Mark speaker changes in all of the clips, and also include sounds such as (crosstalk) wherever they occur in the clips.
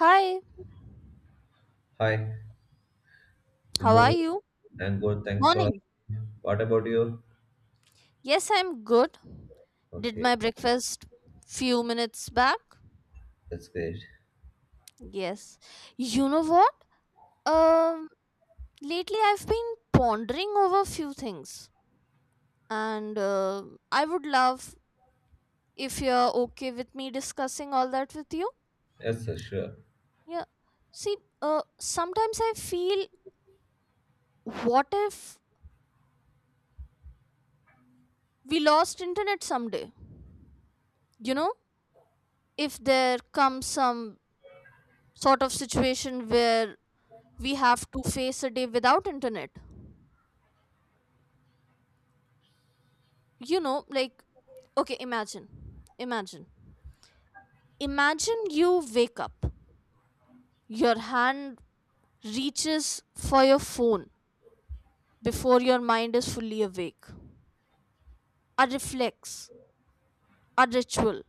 Speaker 1: Hi,
Speaker 2: Hi, good
Speaker 1: how are
Speaker 2: morning.
Speaker 1: you?
Speaker 2: I'm good. Thanks for
Speaker 1: Morning.
Speaker 2: asking. What about you?
Speaker 1: Yes, I'm good. Did
Speaker 2: Okay,
Speaker 1: my breakfast few minutes back?
Speaker 2: that's great.
Speaker 1: Yes. You know what? Um, Lately I've been pondering over few things, and I would love if you're okay with me discussing all that with you.
Speaker 2: Yes, sir, sure.
Speaker 1: Yeah. See, sometimes I feel, what if we lost internet someday? You know, if there comes some sort of situation where we have to face a day without internet, you know, like okay, imagine, imagine imagine you wake up, your hand reaches for your phone before your mind is fully awake, a reflex, a ritual,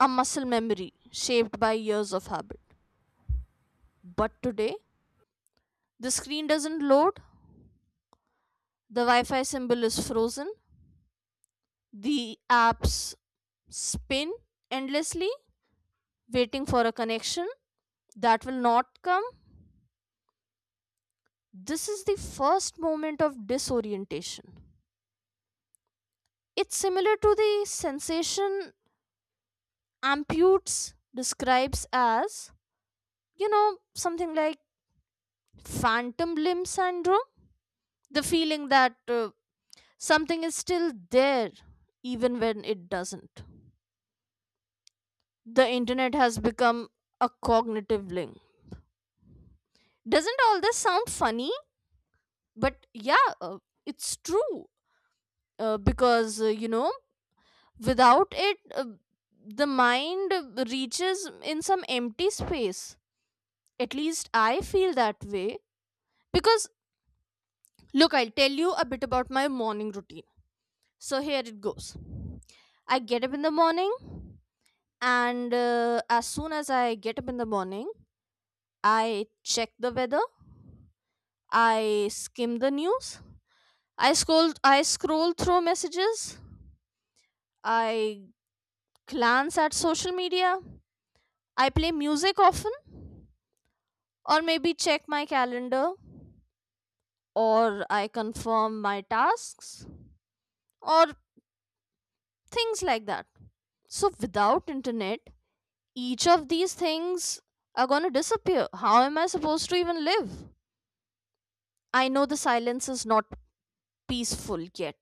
Speaker 1: a muscle memory shaped by years of habit. But today the screen doesn't load, the wi-fi symbol is frozen, the apps spin endlessly, waiting for a connection that will not come. This is the first moment of disorientation. It's similar to the sensation Amputes describes as, you know, something like phantom limb syndrome. The feeling that something is still there even when it doesn't. The internet has become a cognitive link. Doesn't all this sound funny? But yeah, it's true. Because you know, without it, the mind reaches in some empty space. At least I feel that way. Because, look, I'll tell you a bit about my morning routine. So here it goes. I get up in the morning, and as soon as I get up in the morning, I check the weather, I skim the news, I scroll through messages, I glance at social media, I play music often, or maybe check my calendar, or I confirm my tasks, or things like that. So without internet, each of these things are going to disappear. How am I supposed to even live? I know the silence is not peaceful yet.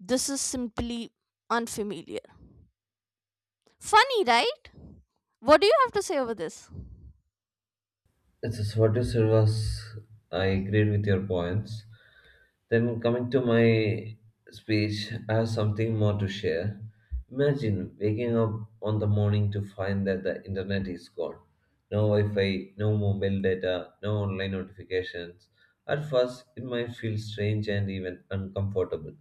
Speaker 1: This is simply unfamiliar. Funny, right? What do you have to say over this?
Speaker 2: Yes, sir, what you said was, I agreed with your points. Then, coming to my speech, I have something more to share. Imagine waking up on the morning to find that the internet is gone. No Wi Fi, no mobile data, no online notifications. At first, it might feel strange and even uncomfortable.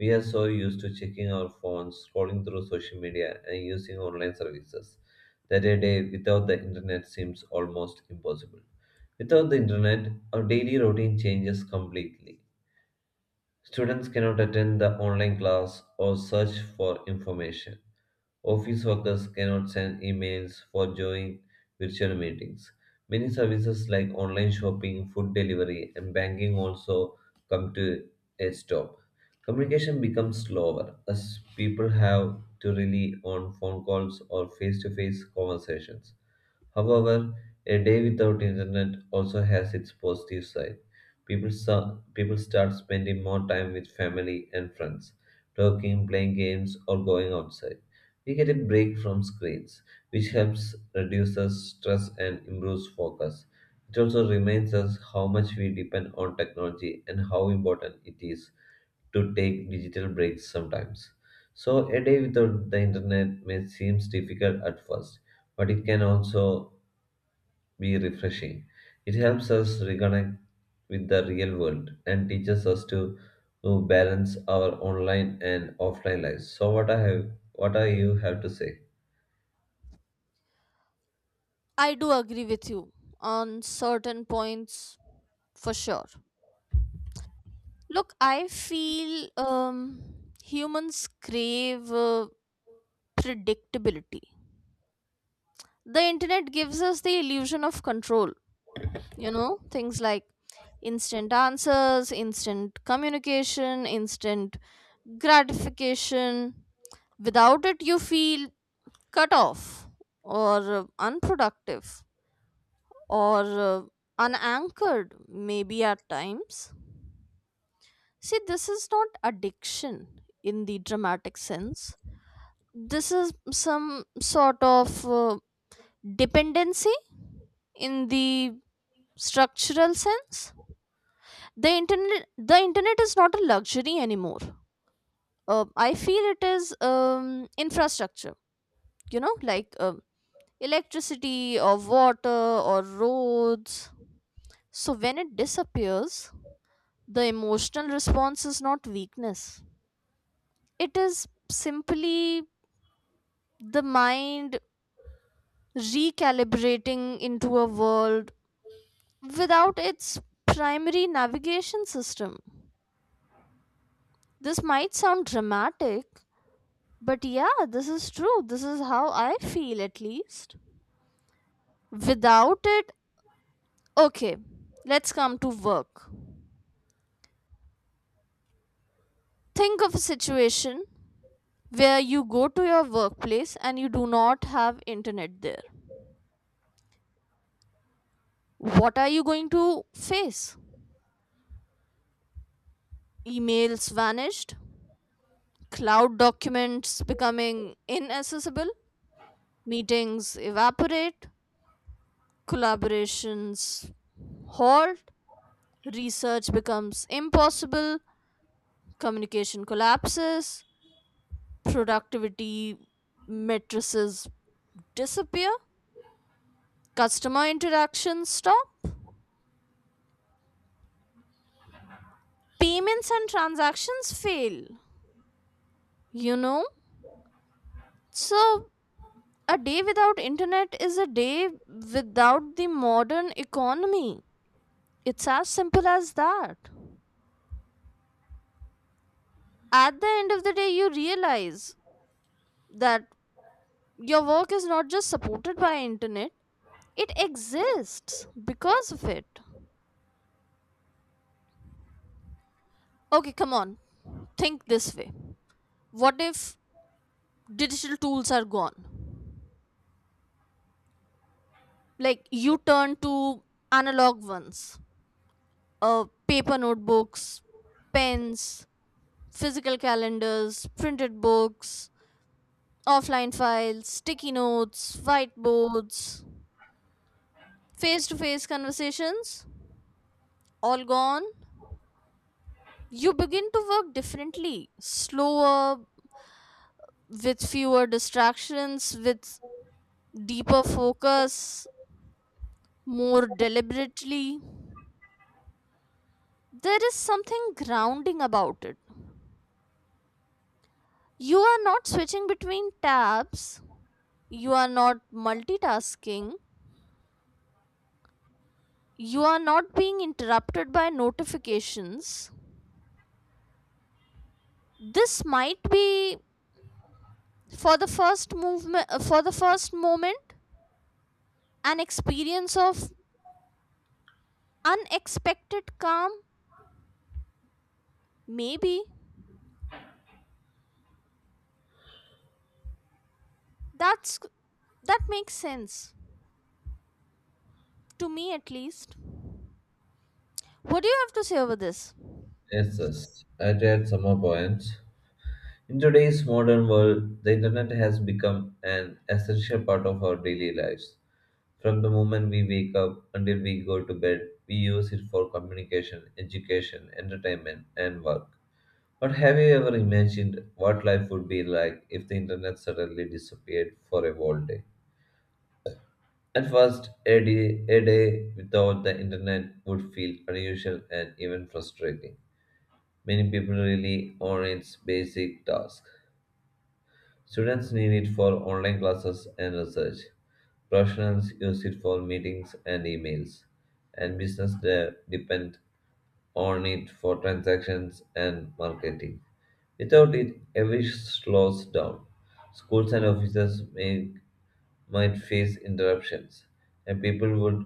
Speaker 2: We are so used to checking our phones, scrolling through social media, and using online services that a day without the internet seems almost impossible. Without the internet, our daily routine changes completely. Students cannot attend the online class or search for information. Office workers cannot send emails for join virtual meetings. Many services like online shopping, food delivery, and banking also come to a stop. Communication becomes slower as people have to rely on phone calls or face to face conversations. However, a day without internet also has its positive side. People start spending more time with family and friends, talking, playing games, or going outside. We get a break from screens, which helps reduce us stress and improves focus. It also reminds us how much we depend on technology and how important it is to take digital breaks sometimes. So, a day without the internet may seem difficult at first, but it can also be refreshing. It helps us reconnect with the real world and teaches us to balance our online and offline lives. So what I have what are you have to say?
Speaker 1: I do agree with you on certain points for sure. Look, I feel humans crave predictability. The internet gives us the illusion of control, you know, things like instant answers, instant communication, instant gratification. Without it, you feel cut off, or unproductive, or uh, unanchored, maybe at times. See, this is not addiction in the dramatic sense, this is some sort of dependency in the structural sense. The internet is not a luxury anymore. I feel it is, infrastructure, you know, like electricity or water or roads. So when it disappears, the emotional response is not weakness, it is simply the mind recalibrating into a world without its primary navigation system. This might sound dramatic, but yeah, this is true. This is how I feel at least. Without it, okay, let's come to work. Think of a situation where you go to your workplace and you do not have internet there. What are you going to face? Emails vanished, cloud documents becoming inaccessible, meetings evaporate, collaborations halt, research becomes impossible, communication collapses, productivity matrices disappear, customer interactions stop, payments and transactions fail. You know? So, a day without internet is a day without the modern economy. It's as simple as that. At the end of the day, you realize that your work is not just supported by internet, it exists because of it. Okay, come on. Think this way. What if digital tools are gone? Like you turn to analog ones, paper notebooks, pens, physical calendars, printed books, offline files, sticky notes, whiteboards, face to face conversations, all gone. You begin to work differently, slower, with fewer distractions, with deeper focus, more deliberately. There is something grounding about it. You are not switching between tabs, you are not multitasking, you are not being interrupted by notifications. This might be for the first moment an experience of unexpected calm, maybe. that's that makes sense to me at least. What do you have to say over this?
Speaker 2: Yes, yes. I read some more points. In today's modern world, the internet has become an essential part of our daily lives. From the moment we wake up until we go to bed, we use it for communication, education, entertainment, and work. But have you ever imagined what life would be like if the internet suddenly disappeared for a whole day? At first, a day without the internet would feel unusual and even frustrating. Many people rely on its basic tasks. Students need it for online classes and research. Professionals use it for meetings and emails, and depend on it for transactions and marketing. Without it, everything slows down. Schools and offices may, might face interruptions, and people would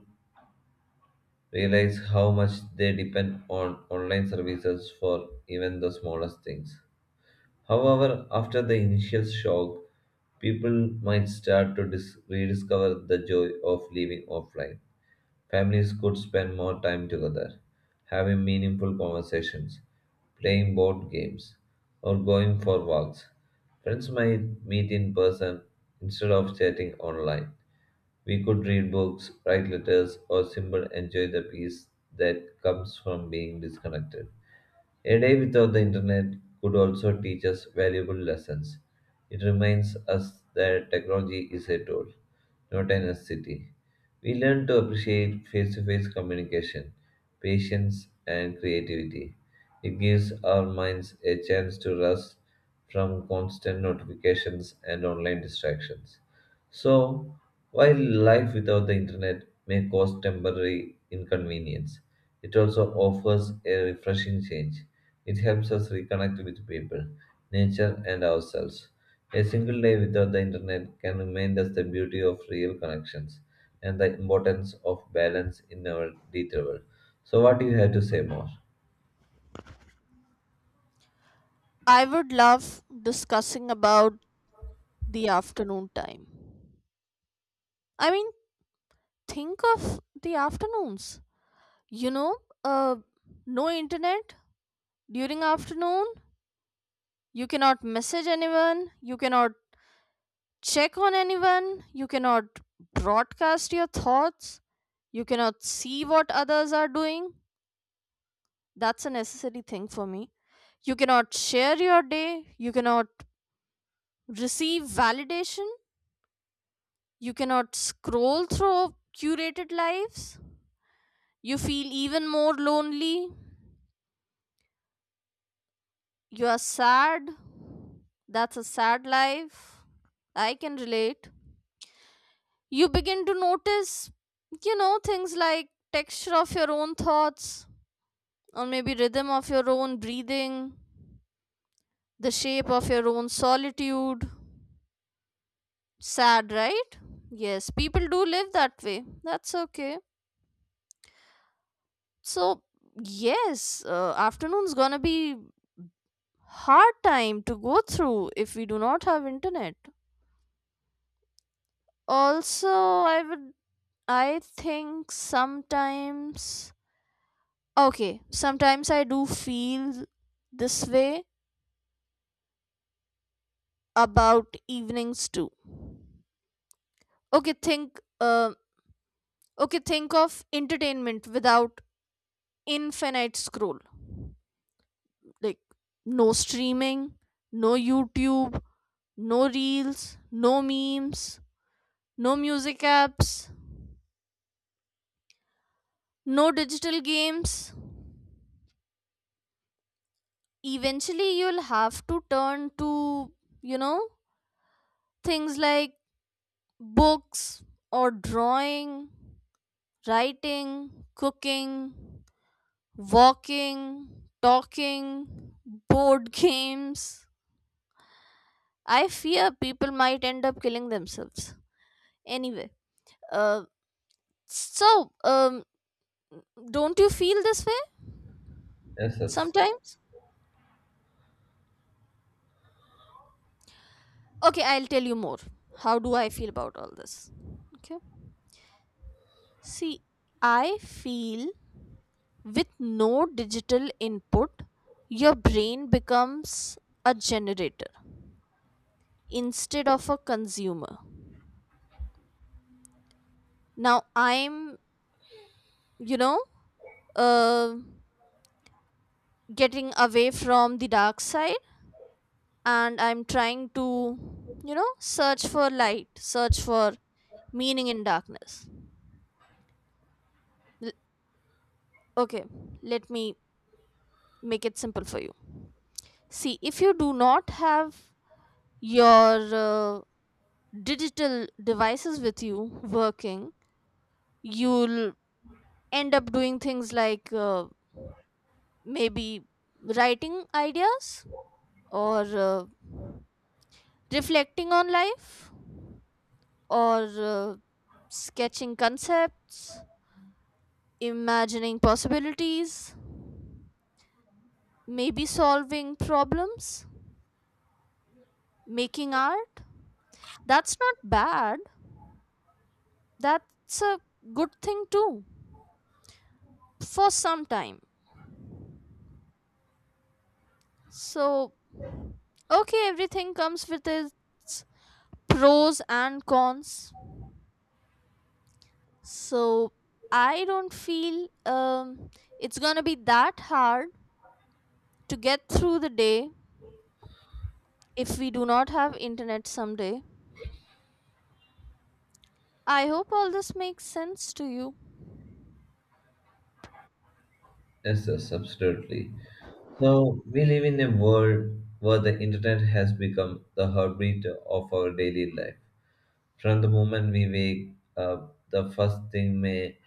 Speaker 2: realize how much they depend on online services for even the smallest things. However, after the initial shock, people might start to rediscover the joy of living offline. Families could spend more time together, having meaningful conversations, playing board games, or going for walks. Friends might meet in person instead of chatting online. We could read books, write letters, or simply enjoy the peace that comes from being disconnected. A day without the internet could also teach us valuable lessons. It reminds us that technology is a tool, not a necessity. We learn to appreciate face to face communication, patience, and creativity. It gives our minds a chance to rest from constant notifications and online distractions. So, while life without the internet may cause temporary inconvenience, it also offers a refreshing change. It helps us reconnect with people, nature, and ourselves. A single day without the internet can remind us the beauty of real connections and the importance of balance in our digital world. So, what do you have to say more?
Speaker 1: I would love discussing about the afternoon time. I mean, think of the afternoons. You know, uh, no internet during afternoon. You cannot message anyone. You cannot check on anyone. You cannot broadcast your thoughts. You cannot see what others are doing. That's a necessary thing for me. You cannot share your day. You cannot receive validation. You cannot scroll through curated lives. You feel even more lonely. You are sad. That's a sad life. I can relate. You begin to notice, you know, things like texture of your own thoughts, or maybe rhythm of your own breathing, the shape of your own solitude. Sad, right? Yes, people do live that way. That's okay. So yes, afternoon's gonna be hard time to go through if we do not have internet. Also, i would I think sometimes, okay, sometimes I do feel this way about evenings too. Okay think uh, okay think of entertainment without infinite scroll, like no streaming, no youtube, no reels, no memes, no music apps, no digital games. Eventually you'll have to turn to, you know, things like books or drawing, writing, cooking, walking, talking, board (laughs) games. I fear people might end up killing themselves anyway. Uh so um don't you feel this way
Speaker 2: Yes, yes,
Speaker 1: sometimes? Okay, I'll tell you more. How do I feel about all this? Okay, see, I feel, with no digital input, your brain becomes a generator instead of a consumer. Now you know, uh, getting away from the dark side, and I'm trying to, you know, search for light, search for meaning in darkness. L- okay, Let me make it simple for you. See, if you do not have your digital devices with you working, you'll end up doing things like maybe writing ideas, or reflecting on life, or sketching concepts, imagining possibilities, maybe solving problems, making art. That's not bad. That's a good thing too for some time. So, okay, everything comes with its pros and cons. So I don't feel it's gonna be that hard to get through the day if we do not have internet someday. I hope all this makes sense to you.
Speaker 2: yes, absolutely. So we live in a world where the internet has become the heartbeat of our daily life. From the moment we wake up, the first thing may,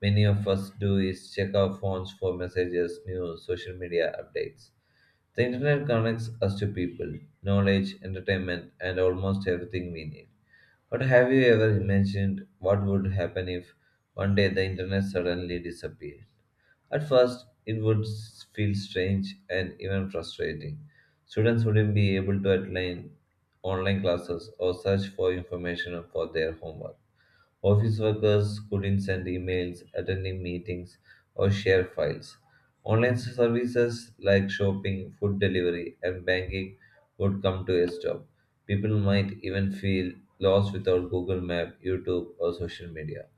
Speaker 2: many of us do is check our phones for messages, news, social media updates. The internet connects us to people, knowledge, entertainment, and almost everything we need. But have you ever imagined what would happen if one day the internet suddenly disappeared? At first, it would feel strange and even frustrating. Students wouldn't be able to attend online classes or search for information for their homework. Office workers couldn't send emails, attend meetings, or share files. Online services like shopping, food delivery, and banking would come to a stop. People might even feel lost without Google Map, YouTube, or social media.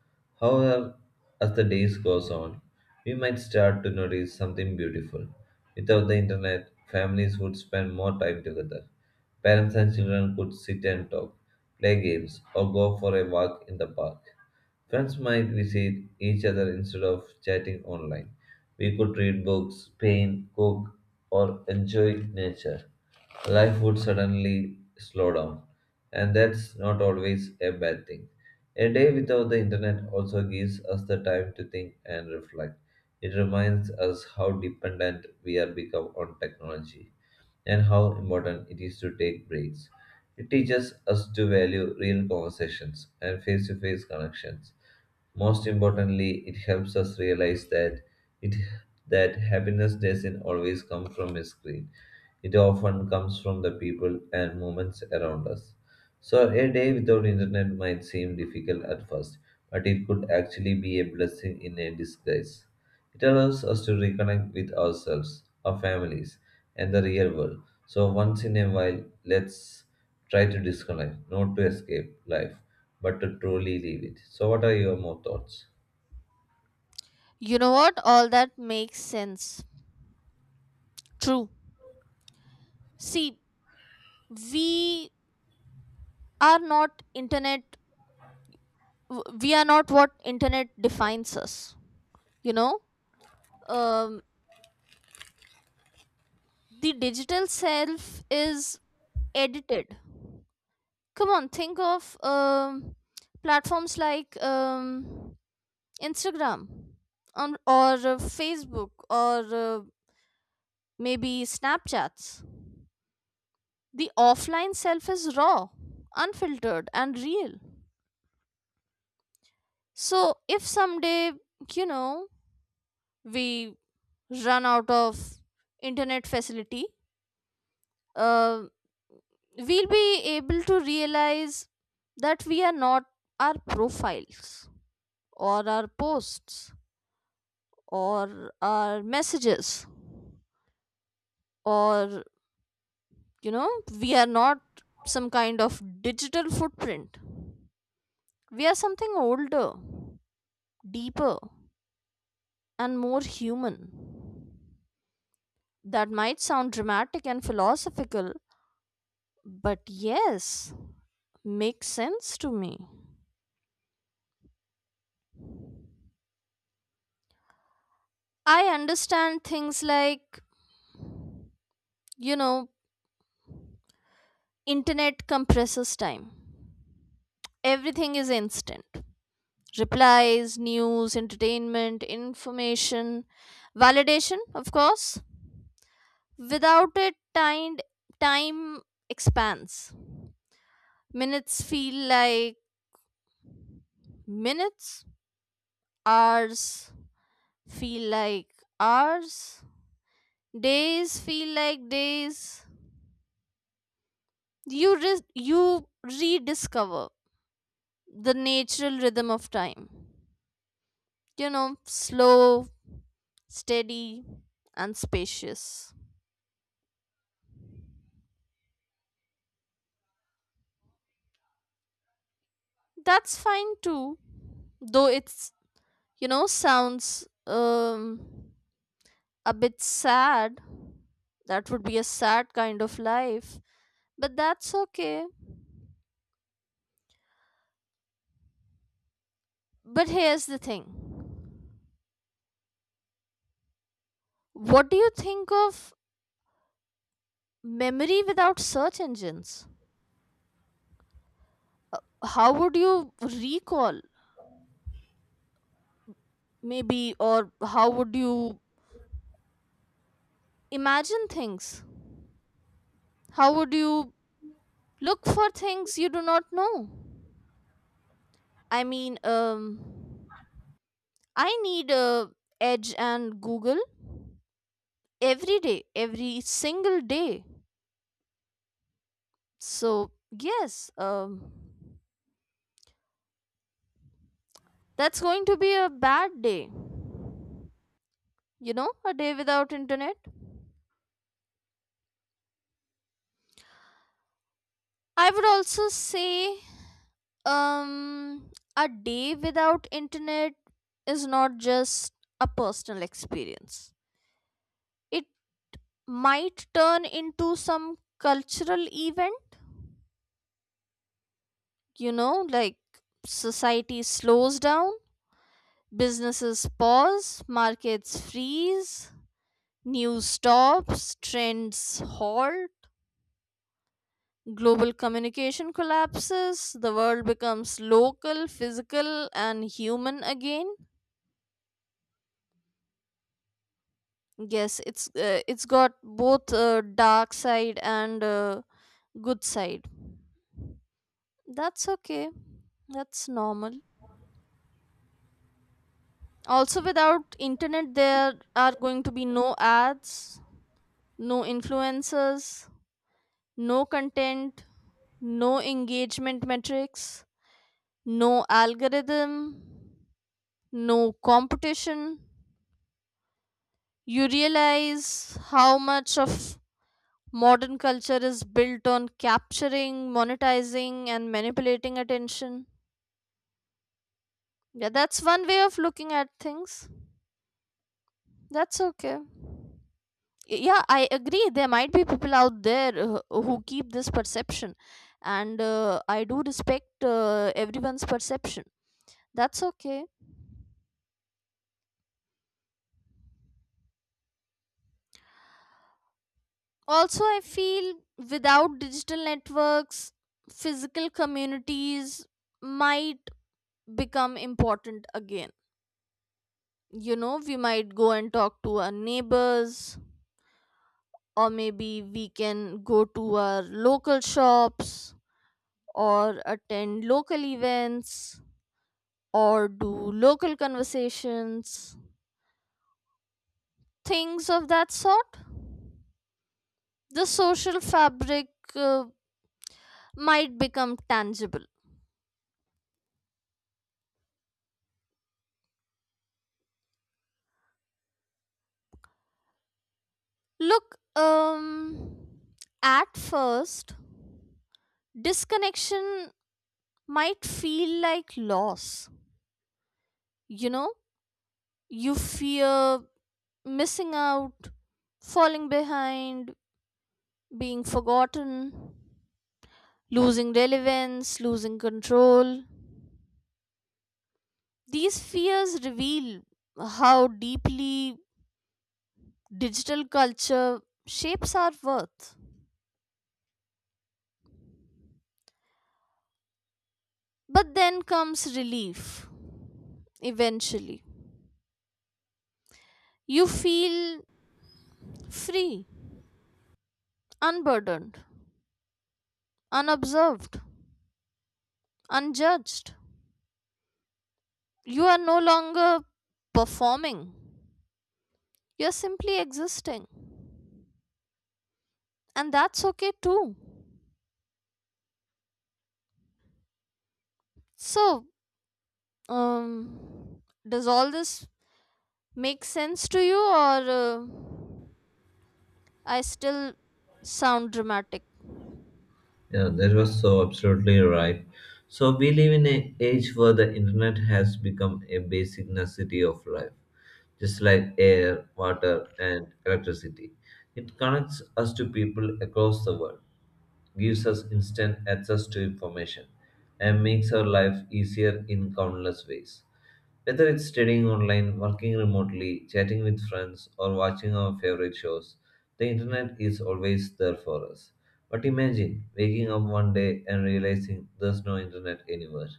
Speaker 2: However, as the days goes on, we might start to notice something beautiful. Without the internet, families would spend more time together. Parents and children could sit and talk, play games, or go for a walk in the park. Friends might visit each other instead of chatting online. We could read books, paint, cook, or enjoy nature. Life would suddenly slow down, and that's not always a bad thing. A day without the internet also gives us the time to think and reflect. It reminds us how dependent we are become on technology and how important it is to take breaks. It teaches us to value real conversations and face to face connections. Most importantly, it helps us realize that it that happiness doesn't always come from a screen. It often comes from the people and moments around us. So a day without internet might seem difficult at first, but it could actually be a blessing in a disguise. It allows us to reconnect with ourselves, our families, and the real world. So, once in a while, let's try to disconnect, not to escape life, but to truly live it. So, what are your more thoughts?
Speaker 1: You know what? All that makes sense. True. See, we are not internet, we are not what internet defines us. You know, um, the digital self is edited. Come on, think of platforms like, Instagram on, or Facebook, or maybe Snapchats. The offline self is raw, unfiltered, and real. So if someday, you know, we run out of internet facility, uh, we'll be able to realize that we are not our profiles, or our posts, or our messages, or, you know, we are not some kind of digital footprint. We are something older, deeper, and more human. That might sound dramatic and philosophical, but yes, makes sense to me. I understand things like, you know, internet compresses time, everything is instant. Replies, news, entertainment, information, validation, of course. Without it, time expands. Minutes feel like minutes, hours feel like hours, days feel like days. You rediscover the natural rhythm of time. You know, slow, steady, and spacious. That's fine too, though it's, you know, sounds a bit sad. That would be a sad kind of life, but that's okay. But here's the thing. What do you think of memory without search engines? How would you recall maybe, or how would you imagine things? How would you look for things you do not know? I mean, I need, Edge and Google every day, every single day. So yes, that's going to be a bad day. You know, a day without internet. I would also say, um, a day without internet is not just a personal experience, it might turn into some cultural event, you know, like society slows down. Businesses pause, markets freeze, news stops, trends halt, global communication collapses, the world becomes local, physical, and human again. Yes, it's it's got both dark side and good side. That's okay. That's normal. Also, without internet, there are going to be no ads, no influencers, no content, no engagement metrics, no algorithm, no competition. You realize how much of modern culture is built on capturing, monetizing, and manipulating attention. Yeah, that's one way of looking at things. That's okay. Yeah, I agree. There might be people out there who keep this perception, and I do respect everyone's perception. That's okay. Also, I feel, without digital networks, physical communities might become important again. You know, we might go and talk to our neighbors, or maybe we can go to our local shops, or attend local events, or do local conversations, things of that sort. The social fabric, uh, might become tangible. Look, at first, disconnection might feel like loss. You know, you fear missing out, falling behind, being forgotten, losing relevance, losing control. These fears reveal how deeply digital culture shapes our worth. But then comes relief, eventually. You feel free, unburdened, unobserved, unjudged. You are no longer performing, you're simply existing, and that's okay too. So, um, does all this make sense to you, or I still sound dramatic?
Speaker 2: Yeah, that was so absolutely right. So, we live in an age where the internet has become a basic necessity of life, just like air, water, and electricity. It connects us to people across the world gives us instant access to information and makes our life easier in countless ways. Whether it's studying online, working remotely, chatting with friends, or watching our favorite shows, the internet is always there for us. But imagine waking up one day and realizing there's no internet anywhere.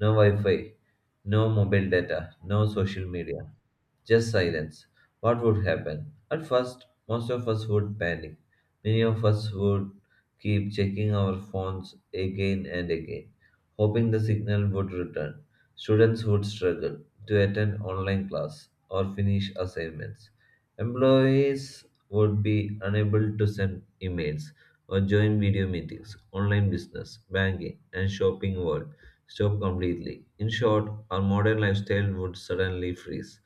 Speaker 2: No Wi Fi, no mobile data, no social media, just silence. What would happen? At first, most of us would panic. Many of us would keep checking our phones again and again, hoping the signal would return students would struggle to attend online class or finish assignments. Employees would be unable to send emails or join video meetings. Online business, banking, and shopping would stop completely. In short, our modern lifestyle would suddenly freeze.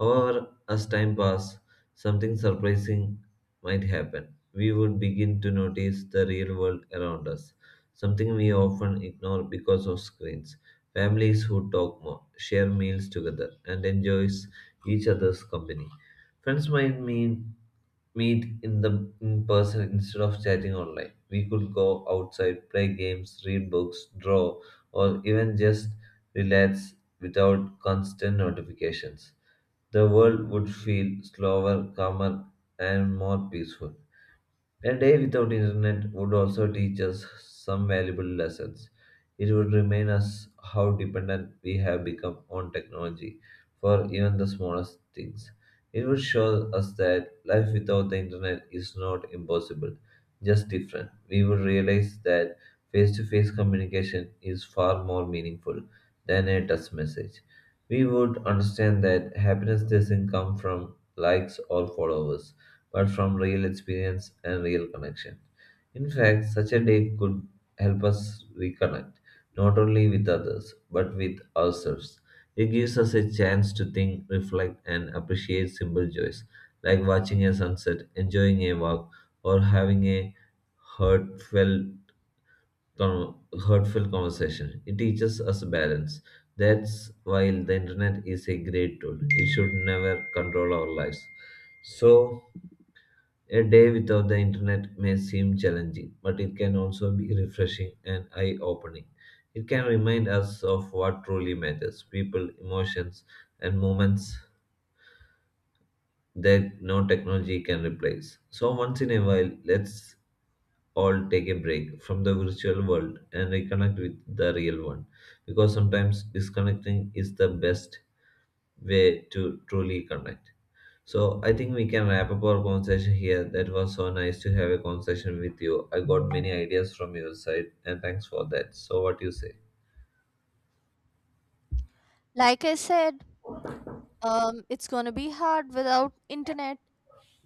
Speaker 2: However, as time passed, something surprising might happen. We would begin to notice the real world around us, something we often ignore because of screens. Families who talk more, share meals together, and enjoy each other's company. Friends might meet, meet in the in person instead of chatting online. We could go outside, play games, read books, draw, or even just relax without constant notifications. The world would feel slower, calmer, and more peaceful. A day without internet would also teach us some valuable lessons. It would remind us how dependent we have become on technology for even the smallest things. It would show us that life without the internet is not impossible, just different. We would realize that face to face communication is far more meaningful than a text message. We would understand that happiness doesn't come from likes or followers but from real experience and real connection. In fact, such a day could help us reconnect not only with others but with ourselves. It gives us a chance to think, reflect, and appreciate simple joys like watching a sunset, enjoying a walk, or having a heartfelt, heartfelt conversation. It teaches us balance. That's why the internet is a great tool. It should never control our lives. So, a day without the internet may seem challenging, but it can also be refreshing and eye opening. It can remind us of what truly matters people, emotions, and moments that no technology can replace. So, once in a while, let's all take a break from the virtual world and reconnect with the real one because sometimes disconnecting is the best way to truly connect. So I think we can wrap up our conversation here. That was so nice to have a conversation with you. I got many ideas from your side, and thanks for that. So what you say?
Speaker 1: Like I said, it's gonna be hard without internet.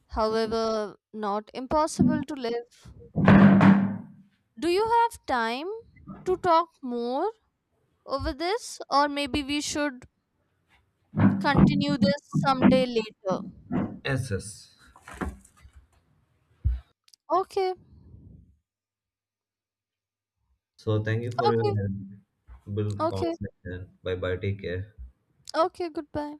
Speaker 1: However, not impossible to live. Do you have time to talk more over this, or maybe we should continue this someday later?
Speaker 2: Yes, yes.
Speaker 1: Okay,
Speaker 2: So thank you for your
Speaker 1: okay,
Speaker 2: valuable
Speaker 1: okay,
Speaker 2: conversation. Bye bye. Take care.
Speaker 1: okay, goodbye.